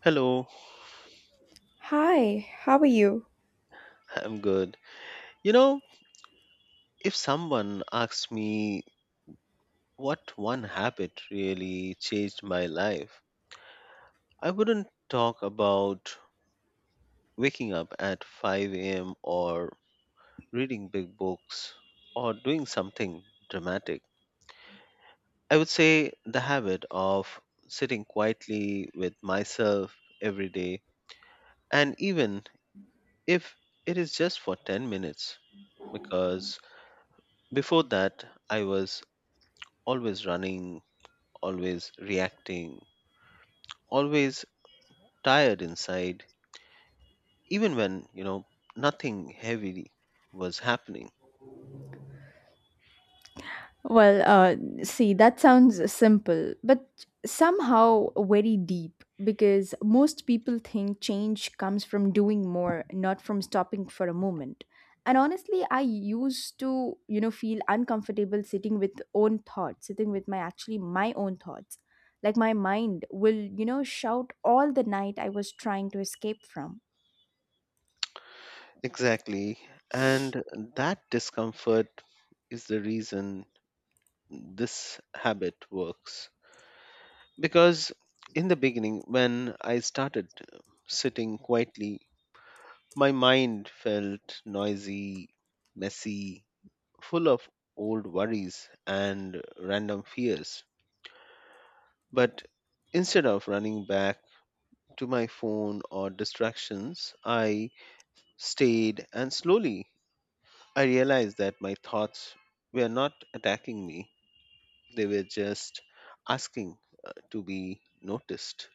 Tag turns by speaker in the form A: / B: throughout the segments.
A: Hello,
B: Hi, how are you?
A: I'm good. You know, if someone asked me what one habit really changed my life, I wouldn't talk about waking up at 5 a.m. or reading big books or doing something dramatic. I would say the habit of sitting quietly with myself every day, and even if it is just for 10 minutes, because before that, I was always running always reacting, always tired inside, even when, nothing heavy was happening.
B: Well, uh, See, that sounds simple, but somehow very deep because most people think change comes from doing more, not from stopping for a moment. And honestly, I used to, you know, feel uncomfortable sitting with own thoughts, sitting with my actually my own thoughts. Like my mind will, you know, shout all the night I was trying to escape from.
A: Exactly. And that discomfort is the reason this habit works. Because in the beginning, when I started sitting quietly, my mind felt noisy, messy, full of old worries and random fears. But instead of running back, to my phone or distractions, I stayed and slowly I realized that my thoughts were not attacking me. They were just asking to be noticed.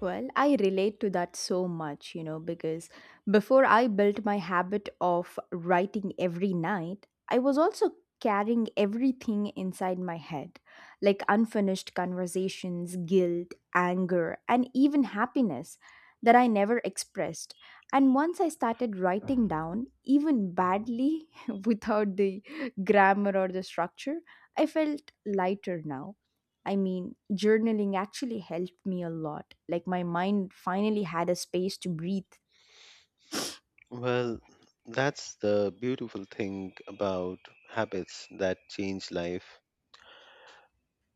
B: Well, I relate to that so much, you know, because before I built my habit of writing every night, I was also carrying everything inside my head, like unfinished conversations, guilt, anger, and even happiness that I never expressed. And once I started writing down, even badly, without the grammar or the structure, I felt lighter now I mean, journaling actually helped me a lot. Like, my mind finally had a space to breathe.
A: Well, that's the beautiful thing about habits that change life.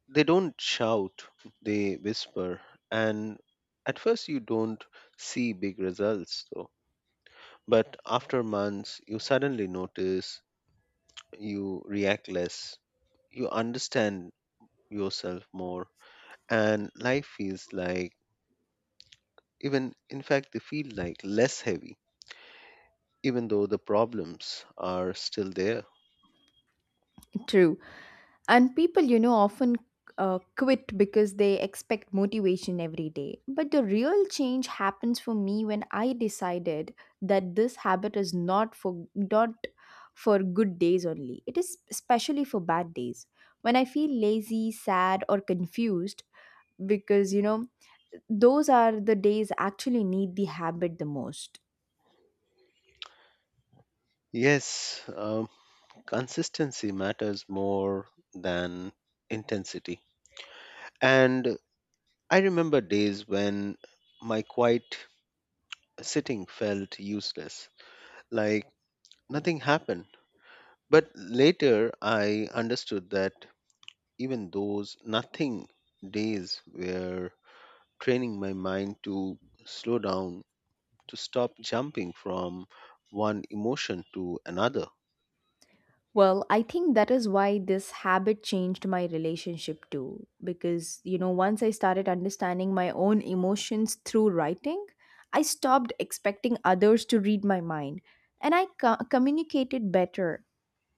A: They don't shout, they whisper. And at first, you don't see big results, though. But after months, you suddenly notice you react less you understand yourself more and life feels like even in fact they feel like less heavy even though the problems are still there.
B: True. And people, you know, often quit because they expect motivation every day. But the real change happens for me when I decided that this habit is not for good days only. It is especially for bad days. When I feel lazy, sad, or confused, because you know, those are the days actually need the habit the most.
A: Yes, consistency matters more than intensity, and I remember days when my quiet sitting felt useless like nothing happened, but later I understood that even those nothing days were training my mind to slow down, to stop jumping from one emotion to another.
B: Well, I think that is why this habit changed my relationship too. Because, you know, once I started understanding my own emotions through writing, I stopped expecting others to read my mind. And I communicated better,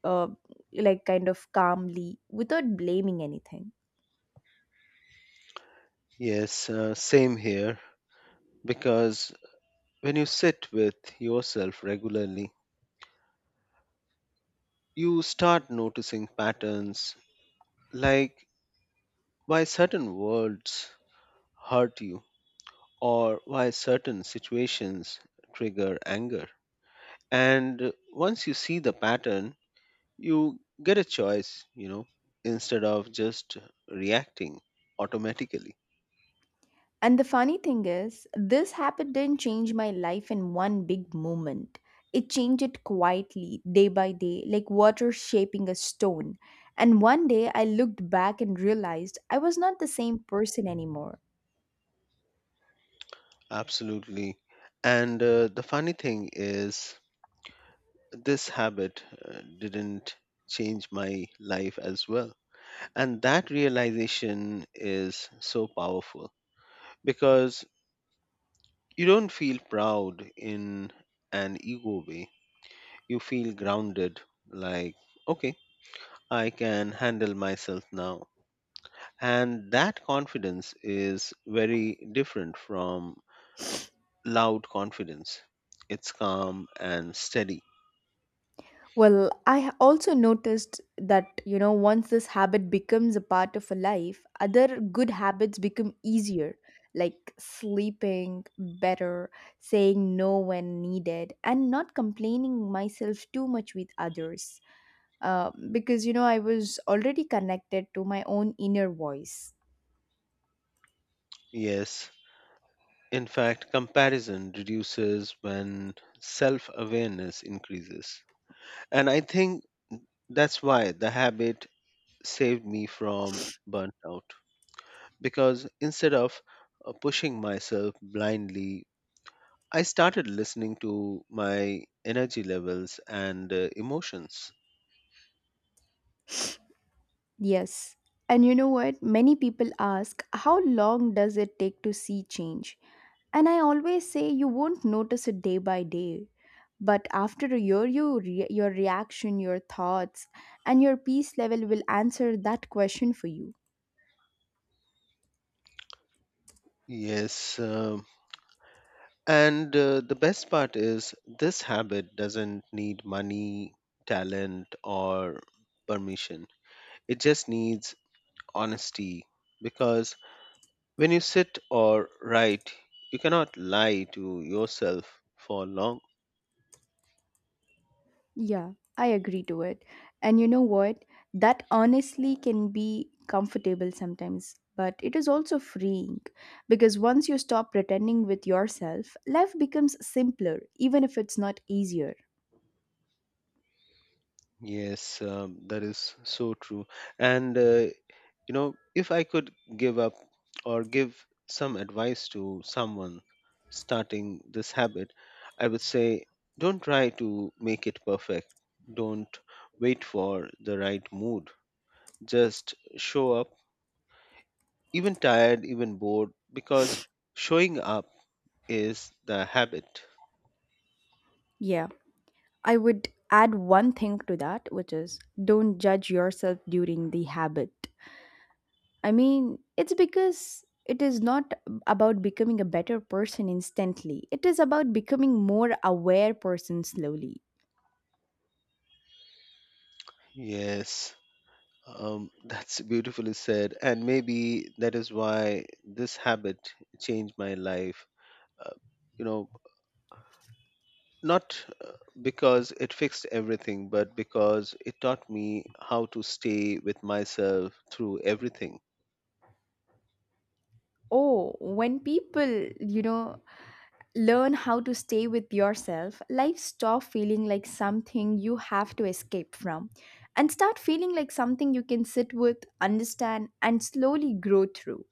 B: uh, like kind of calmly, without blaming anything.
A: Yes, same here. Because when you sit with yourself regularly, you start noticing patterns like why certain words hurt you or why certain situations trigger anger. And once you see the pattern, you get a choice, instead of just reacting automatically.
B: And the funny thing is, this habit didn't change my life in one big moment. It changed it quietly, day by day, like water shaping a stone. And one day I looked back and realized I was not the same person anymore.
A: Absolutely. And the funny thing is, this habit didn't change my life as well. And that realization is so powerful because you don't feel proud in an ego way. You feel grounded, like, okay, I can handle myself now. And that confidence is very different from loud confidence. It's calm and steady.
B: Well, I also noticed that, you know, once this habit becomes a part of a life, other good habits become easier, like sleeping better, saying no when needed, and not complaining myself too much with others. Because, you know, I was already connected to my own inner voice.
A: Yes, in fact, comparison reduces when self awareness increases. And I think that's why the habit saved me from burnt out. Because instead of pushing myself blindly, I started listening to my energy levels and emotions.
B: Yes. And you know what? Many people ask, how long does it take to see change? And I always say, you won't notice it day by day. But after a year, you your reaction, your thoughts, and your peace level will answer that question for you.
A: Yes. And the best part is, this habit doesn't need money, talent, or permission. It just needs honesty. Because when you sit or write, you cannot lie to yourself for long.
B: Yeah, I agree to it. And you know what? That honestly can be comfortable sometimes, but it is also freeing because once you stop pretending with yourself, life becomes simpler, even if it's not easier.
A: Yes, that is so true. And you know, if I could give up or give some advice to someone starting this habit, I would say don't try to make it perfect. Don't wait for the right mood. Just show up, even tired, even bored, because showing up is the habit.
B: Yeah, I would add one thing to that, which is don't judge yourself during the habit. I mean, it's because it is not about becoming a better person instantly, it is about becoming more aware person slowly.
A: Yes, that's beautifully said. And maybe that is why this habit changed my life. Uh, you know, not because it fixed everything, but because it taught me how to stay with myself through everything.
B: Oh, when people, you know, learn how to stay with yourself, life stop feeling like something you have to escape from and start feeling like something you can sit with, understand, and slowly grow through.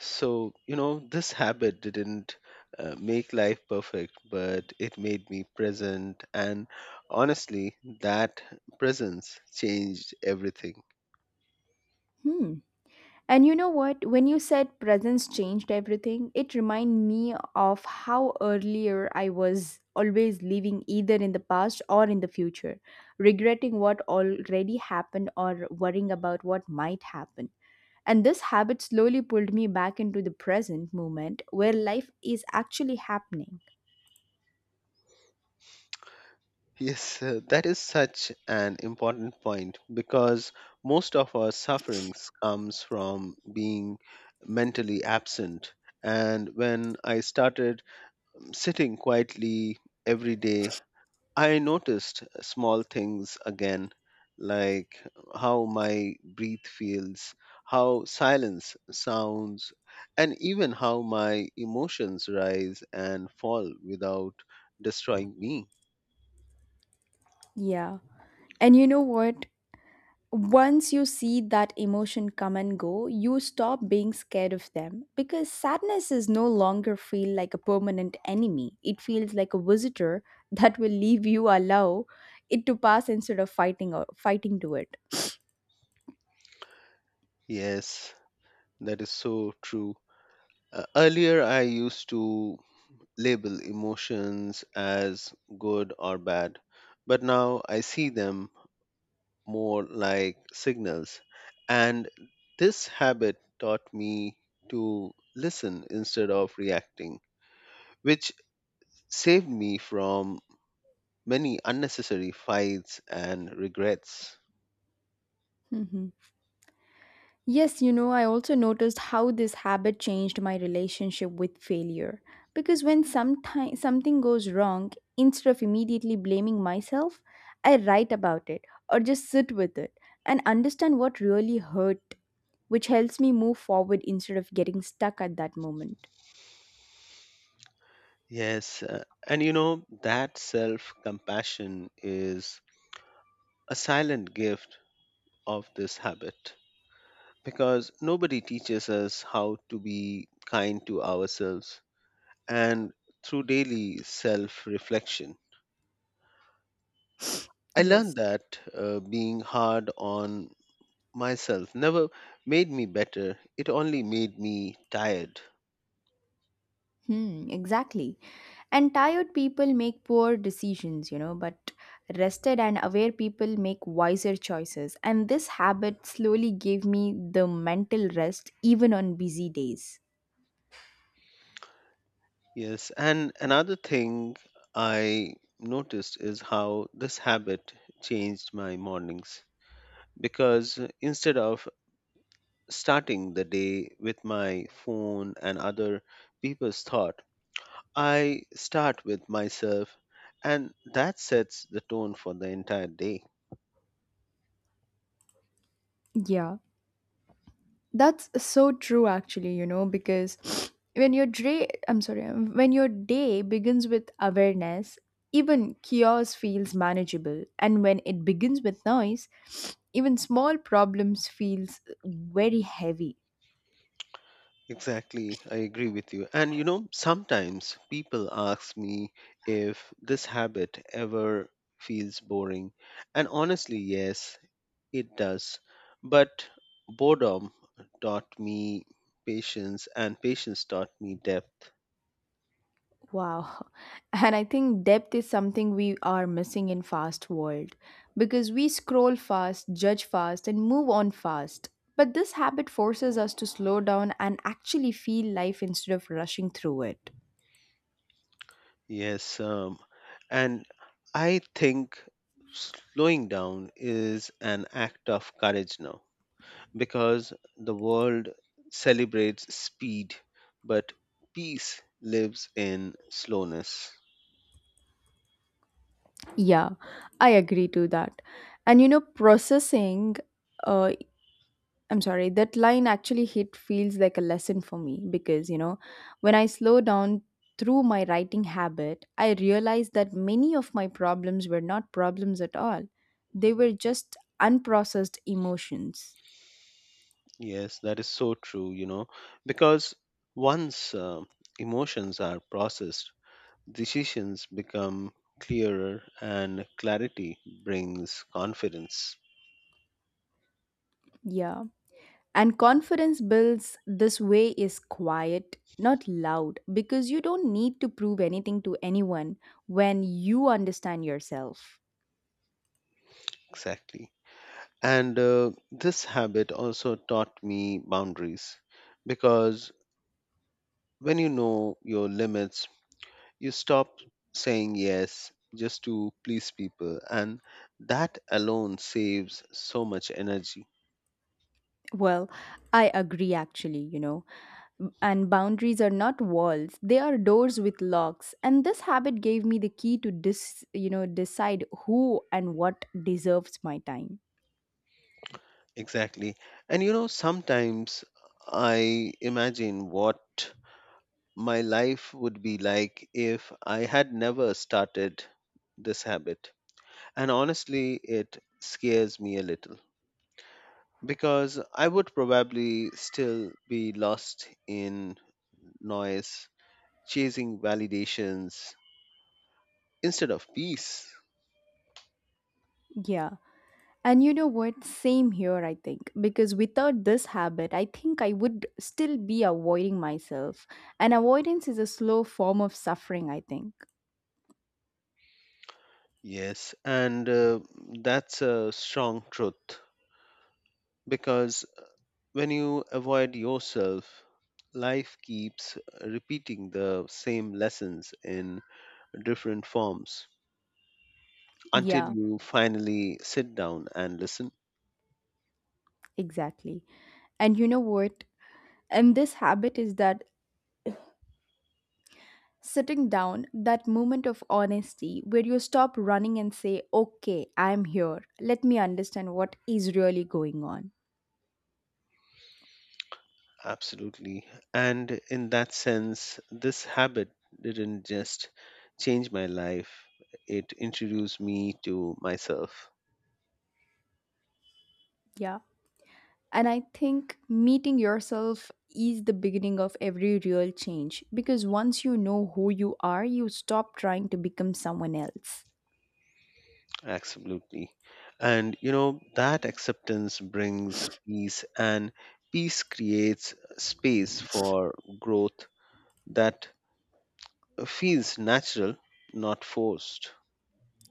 A: So, you know, this habit didn't make life perfect, but it made me present. And honestly, that presence changed everything.
B: Hmm. And you know what? When you said presence changed everything, it reminded me of how earlier I was always living either in the past or in the future, regretting what already happened or worrying about what might happen. And this habit slowly pulled me back into the present moment where life is actually happening.
A: Yes, that is such an important point because most of our sufferings comes from being mentally absent. And when I started sitting quietly every day, I noticed small things again, like how my breath feels, how silence sounds, and even how my emotions rise and fall without destroying me.
B: Yeah. And you know what? Once you see that emotion come and go, you stop being scared of them because sadness is no longer feel like a permanent enemy. It feels like a visitor that will leave you allow it to pass instead of fighting to it.
A: Yes. That is so true. Earlier, I used to label emotions as good or bad, but now I see them more like signals. And this habit taught me to listen instead of reacting, which saved me from many unnecessary fights and regrets.
B: Mhm. Yes, you know, I also noticed how this habit changed my relationship with failure. Because when sometime, something goes wrong, instead of immediately blaming myself, I write about it or just sit with it and understand what really hurt, which helps me move forward instead of getting stuck at that moment.
A: Yes, and you know, that self compassion is a silent gift of this habit, because nobody teaches us how to be kind to ourselves and through daily self reflection. I
B: Yes.
A: learned that being hard on myself never made me better, it only made me tired.
B: Hmm, exactly. And tired people make poor decisions, you know, but rested and aware people make wiser choices. And this habit slowly gave me the mental rest even on busy days.
A: Yes, and another thing I noticed is how this habit changed my mornings because instead of starting the day with my phone and other people's thoughts, I start with myself, and that sets the tone for the entire day.
B: Yeah, that's so true actually, you know, because I'm sorry, when your day begins with awareness, even chaos feels manageable. And when it begins with noise, even small problems feels very heavy.
A: Exactly, I agree with you. And you know, sometimes people ask me if this habit ever feels boring. And honestly, yes, it does. But boredom taught me patience, and patience taught me depth.
B: Wow. And I think depth is something we are missing in fast world because we scroll fast, judge fast and move on fast. But this habit forces us to slow down and actually feel life instead of rushing through it.
A: Yes, and I think slowing down is an act of courage now because the world celebrates speed, but peace lives in slowness.
B: Yeah, I agree to that. And you know, processing uh, I'm sorry, that line actually hit feels like a lesson for me because, you know, when I slow down through my writing habit, I realized that many of my problems were not problems at all. They were just unprocessed emotions.
A: Yes, that is so true, you know, because once emotions are processed, decisions become clearer and clarity brings confidence.
B: Yeah. And confidence builds this way is quiet, not loud, because you don't need to prove anything to anyone when you understand yourself.
A: Exactly. And this habit also taught me boundaries because when you know your limits, you stop saying yes just to please people, and that alone saves so much energy.
B: Well, I agree actually, you know. And boundaries are not walls, they are doors with locks. And this habit gave me the key to you know, decide who and what deserves my time.
A: Exactly. And you know, sometimes I imagine what my life would be like if I had never started this habit. And honestly, it scares me a little because I would probably still be lost in noise, chasing validations instead of peace.
B: Yeah. And you know what? Same here, I think. Because without this habit, I think I would still be avoiding myself. And avoidance is a slow form of suffering, I think.
A: Yes, and that's a strong truth because when you avoid yourself, life keeps repeating the same lessons in different forms, until
B: Yeah,
A: you finally sit down and listen.
B: exactly. And you know what? And this habit is that Sitting down, that moment of honesty where you stop running and say, okay, I'm here. Let me understand what is really going on.
A: Absolutely. And in that sense, this habit didn't just change my life, it introduced me to myself.
B: Yeah. And I think meeting yourself is the beginning of every real change because once you know who you are, you stop trying to become someone else.
A: Absolutely. And, you know, that acceptance brings peace, and peace creates space for growth that feels natural, not forced.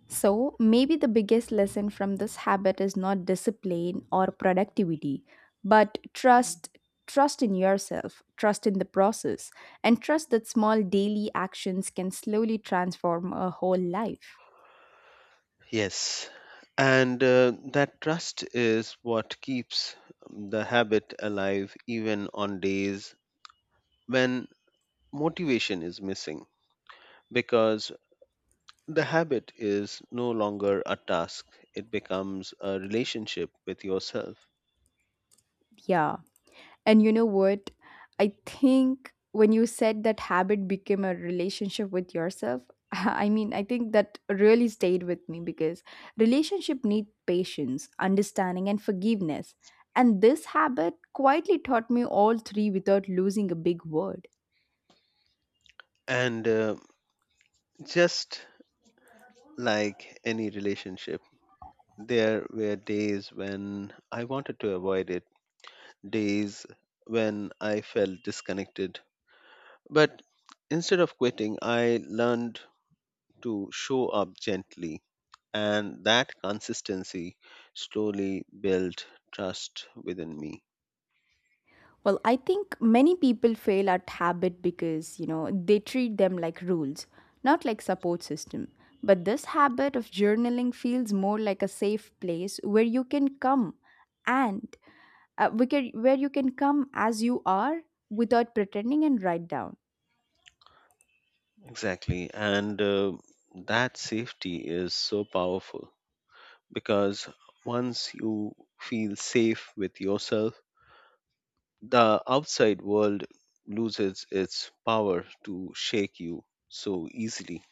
B: So, maybe the biggest lesson from this habit is not discipline or productivity, but trust, trust in yourself, trust in the process, and trust that small daily actions can slowly transform a whole life.
A: Yes. And that trust is what keeps the habit alive even on days when motivation is missing because the habit is no longer a task, it becomes a relationship with yourself.
B: Yeah. And you know what? I think when you said that habit became a relationship with yourself, I mean, I think that really stayed with me because relationship need patience, understanding and forgiveness. And this habit quietly taught me all three without losing a big word.
A: And just like any relationship, there were days when I wanted to avoid it, days when I felt disconnected. But instead of quitting, I learned to show up gently, and that consistency slowly built trust within me.
B: Well, I think many people fail at habit because, you know, they treat them like rules, not like support system. But this habit of journaling feels more like a safe place where you can come and where you can come as you are without pretending and write down.
A: Exactly. And that safety is so powerful because once you feel safe with yourself, the outside world loses its power to shake you so easily.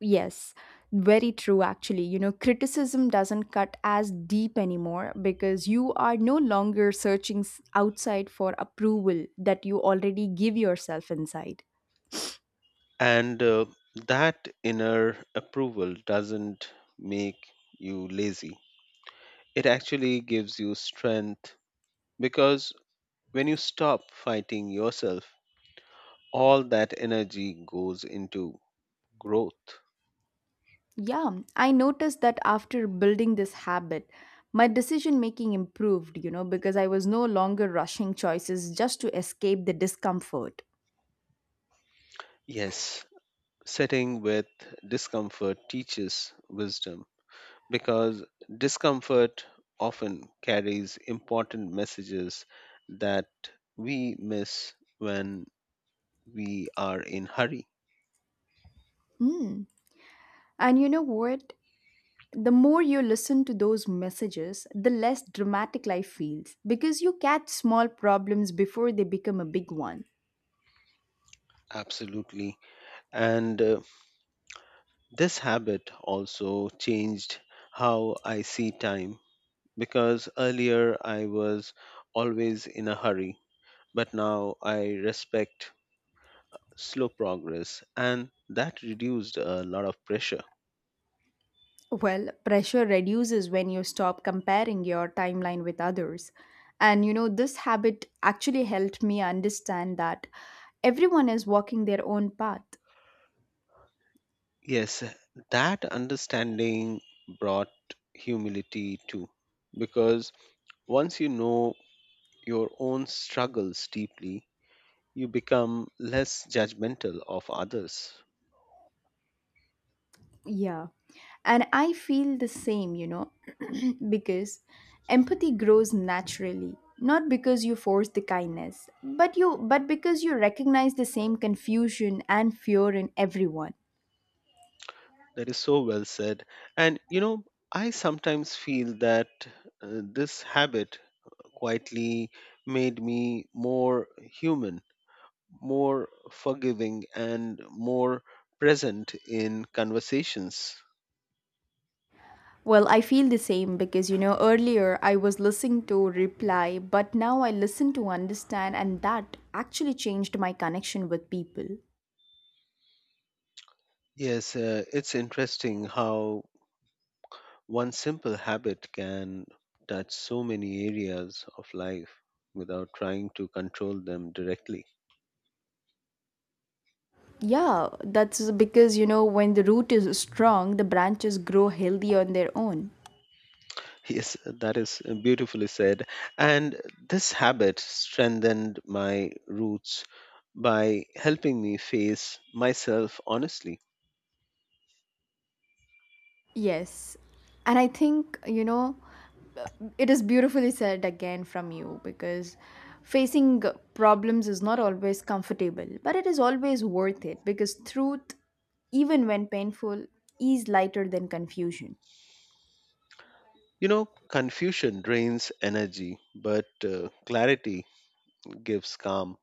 B: Yes, very true actually. You know, criticism doesn't cut as deep anymore because you are no longer searching outside for approval that you already give yourself inside.
A: And that inner approval doesn't make you lazy. It actually gives you strength because when you stop fighting yourself, all that energy goes into growth.
B: Yeah, I noticed that after building this habit, my decision making improved, you know, because I was no longer rushing choices just to escape the discomfort.
A: Yes, sitting with discomfort teaches wisdom because discomfort often carries important messages that we miss when we are in hurry.
B: Hmm. And you know what? The more you listen to those messages, the less dramatic life feels because you catch small problems before they become a big one.
A: Absolutely. And this habit also changed how I see time because earlier I was always in a hurry, but now I respect slow progress, and that reduced a lot of pressure.
B: Well, pressure reduces when you stop comparing your timeline with others. And you know, this habit actually helped me understand that everyone is walking their own path.
A: Yes, that understanding brought humility too, because once you know your own struggles deeply, you become less judgmental of others.
B: Yeah. And I feel the same, you know, because empathy grows naturally, not because you force the kindness, but because you recognize the same confusion and fear in everyone.
A: That is so well said. And you know, I sometimes feel that this habit quietly made me more human, more forgiving, and more present in conversations.
B: Well, I feel the same because you know, earlier I was listening to reply, but now I listen to understand, and that actually changed my connection with people.
A: Yes, it's interesting how one simple habit can touch so many areas of life without trying to control them directly.
B: Yeah, that's because you know, when the root is strong, the branches grow healthy on their own.
A: Yes, that is beautifully said. And this habit strengthened my roots by helping me face myself honestly.
B: Yes. And I think, you know, it is beautifully said again from you because facing problems is not always comfortable, but it is always worth it because truth, even when painful, is lighter than confusion.
A: You know, confusion drains energy, but clarity gives calm.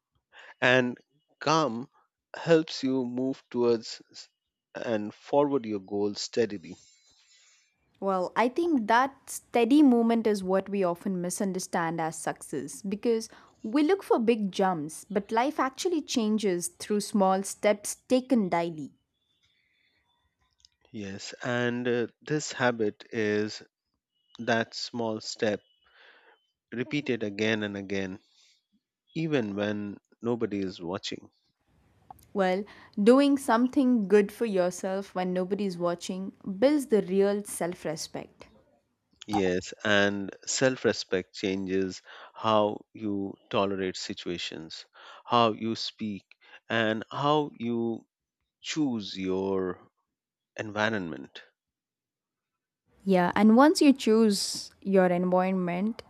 A: And calm helps you move towards and forward your goals steadily.
B: Well, I think that steady movement is what we often misunderstand as success because we look for big jumps, but life actually changes through small steps taken daily.
A: Yes, and this habit is that small step repeated again and again even when nobody is watching.
B: Well, doing something good for yourself when nobody is watching builds the real self respect.
A: Yes, and self respect changes how you tolerate situations, how you speak, and how you choose your environment.
B: Yeah, and once you choose your environment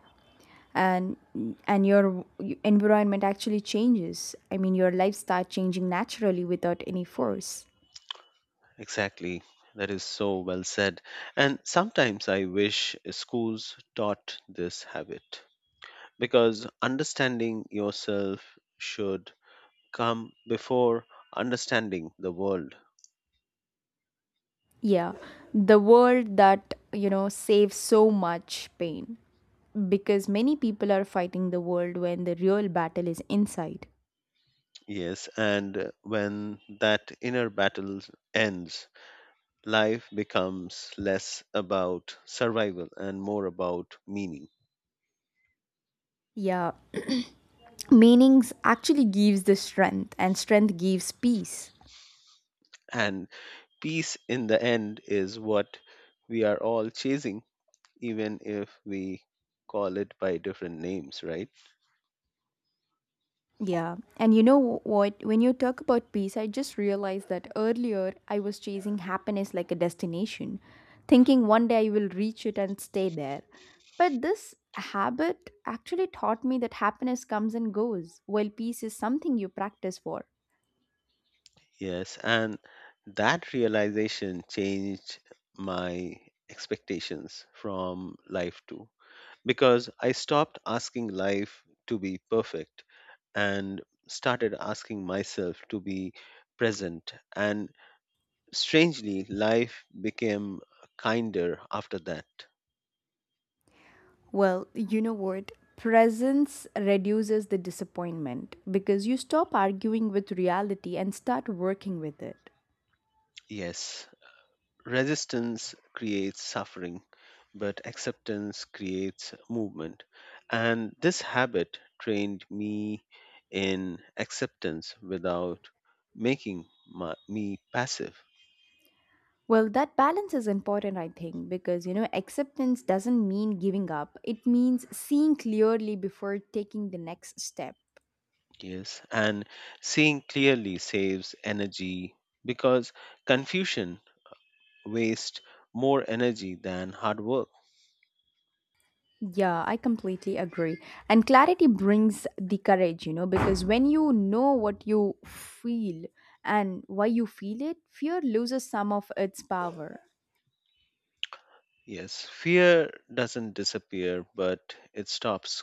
B: and and your environment actually changes. I mean, your life start changing naturally without any force.
A: Exactly. That is so well said. And sometimes I wish schools taught this habit because understanding yourself should come before understanding the world.
B: Yeah, the world that, you know, saves so much pain because many people are fighting the world when the real battle is inside.
A: Yes, and when that inner battle ends, life becomes less about survival and more about meaning.
B: Yeah, meanings actually gives the strength and strength gives peace.
A: And peace in the end is what we are all chasing, even if we call it by different names, right?
B: Yeah. And you know what? When you talk about peace, I just realized that earlier I was chasing happiness like a destination, thinking one day I will reach it and stay there. But this habit actually taught me that happiness comes and goes, while peace is something you practice for.
A: Yes, and that realization changed my expectations from life too, because I stopped asking life to be perfect and started asking myself to be present. And strangely, life became kinder after that.
B: Well, you know what? Presence reduces the disappointment because you stop arguing with reality and start working with it.
A: Yes, resistance creates suffering, but acceptance creates movement. And this habit trained me in acceptance without making me passive.
B: Well, that balance is important, I think, because you know, acceptance doesn't mean giving up. It means seeing clearly before taking the next step.
A: Yes, and seeing clearly saves energy because confusion wastes more energy than hard work.
B: Yeah, I completely agree. And clarity brings the courage, you know, because when you know what you feel and why you feel it, fear loses some of its power.
A: Yes, fear doesn't disappear, but it stops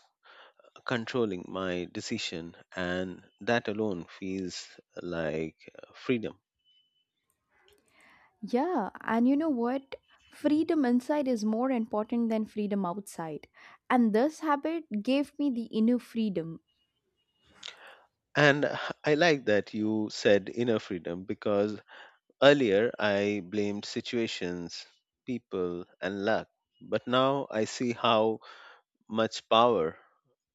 A: controlling my decision, and that alone feels like freedom.
B: Yeah, and you know what? Freedom inside is more important than freedom outside. And this habit gave me the inner freedom.
A: And I like that you said inner freedom because earlier I blamed situations, people, and luck. But now I see how much power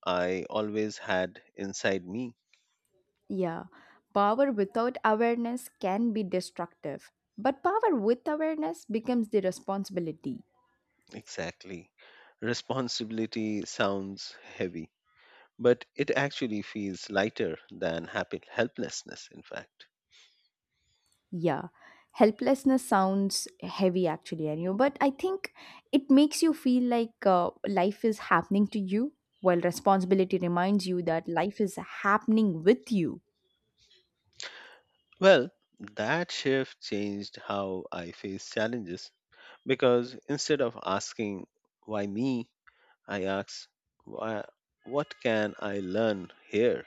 A: I always had inside me.
B: Yeah, power without awareness can be destructive, but power with awareness becomes the responsibility.
A: Exactly. Responsibility sounds heavy, but it actually feels lighter than happy helplessness, in fact.
B: Yeah. Helplessness sounds heavy actually, I know, but I think it makes you feel like life is happening to you while responsibility reminds you that life is happening with you.
A: Well, that shift changed how I face challenges because instead of asking, why me? I ask, why, what can I learn here?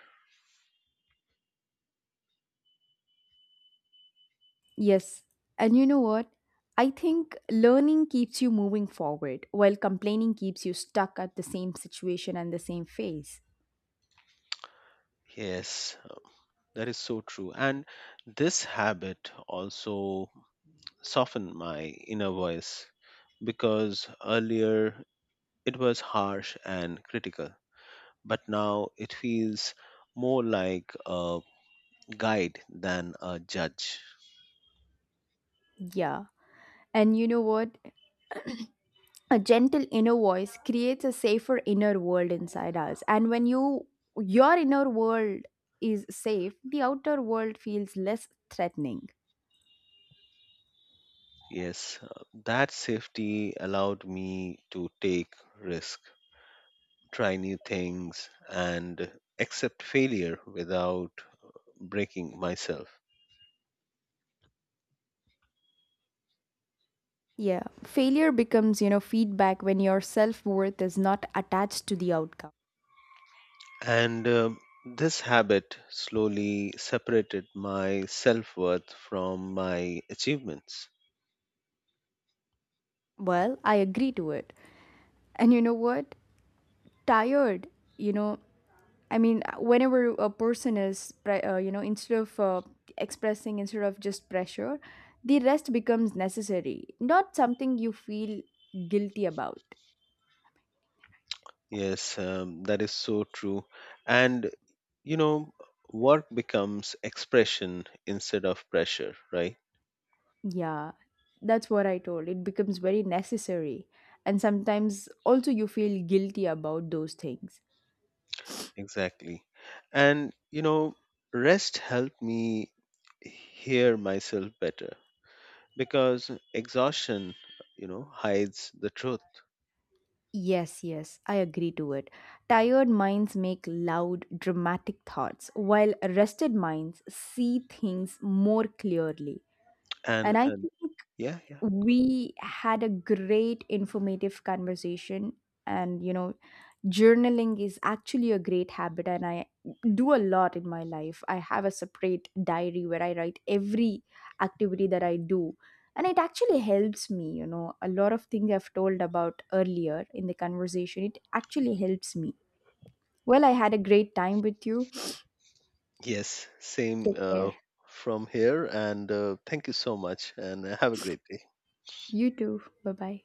B: Yes. And you know what? I think learning keeps you moving forward while complaining keeps you stuck at the same situation and the same phase.
A: Yes, that is so true. And this habit also soften my inner voice because earlier it was harsh and critical, but now it feels more like a guide than a judge.
B: Yeah. And you know what? A gentle inner voice creates a safer inner world inside us. And when your inner world is safe, the outer world feels less threatening.
A: Yes, that safety allowed me to take risk, try new things, and accept failure without breaking myself.
B: Yeah. Failure becomes, you know, feedback when your self-worth is not attached to the outcome.
A: And this habit slowly separated my self worth from my achievements.
B: Well, I agree to it. And you know what? Tired you know I mean whenever a person is you know, instead of expressing, instead of just pressure, the rest becomes necessary, not something you feel guilty about.
A: Yes, that is so true. And you know, work becomes expression instead of pressure, right?
B: Yeah, that's what I told, it becomes very necessary, and sometimes also you feel guilty about those things.
A: Exactly. And you know, rest helped me hear myself better because exhaustion, you know, hides the truth.
B: Yes, yes, I agree to it. Tired minds make loud dramatic thoughts while rested minds see things more clearly.
A: And
B: And I
A: and
B: think
A: yeah, yeah.
B: we had a great informative conversation. And, you know, journaling is actually a great habit, and I do a lot in my life. I have a separate diary where I write every activity that I do. And it actually helps me, you know, a lot of things I've told about earlier in the conversation. It actually helps me. Well, I had a great time with you.
A: Yes, same
B: Take care.
A: from here. And thank you so much, and have a great day.
B: You too. Bye bye.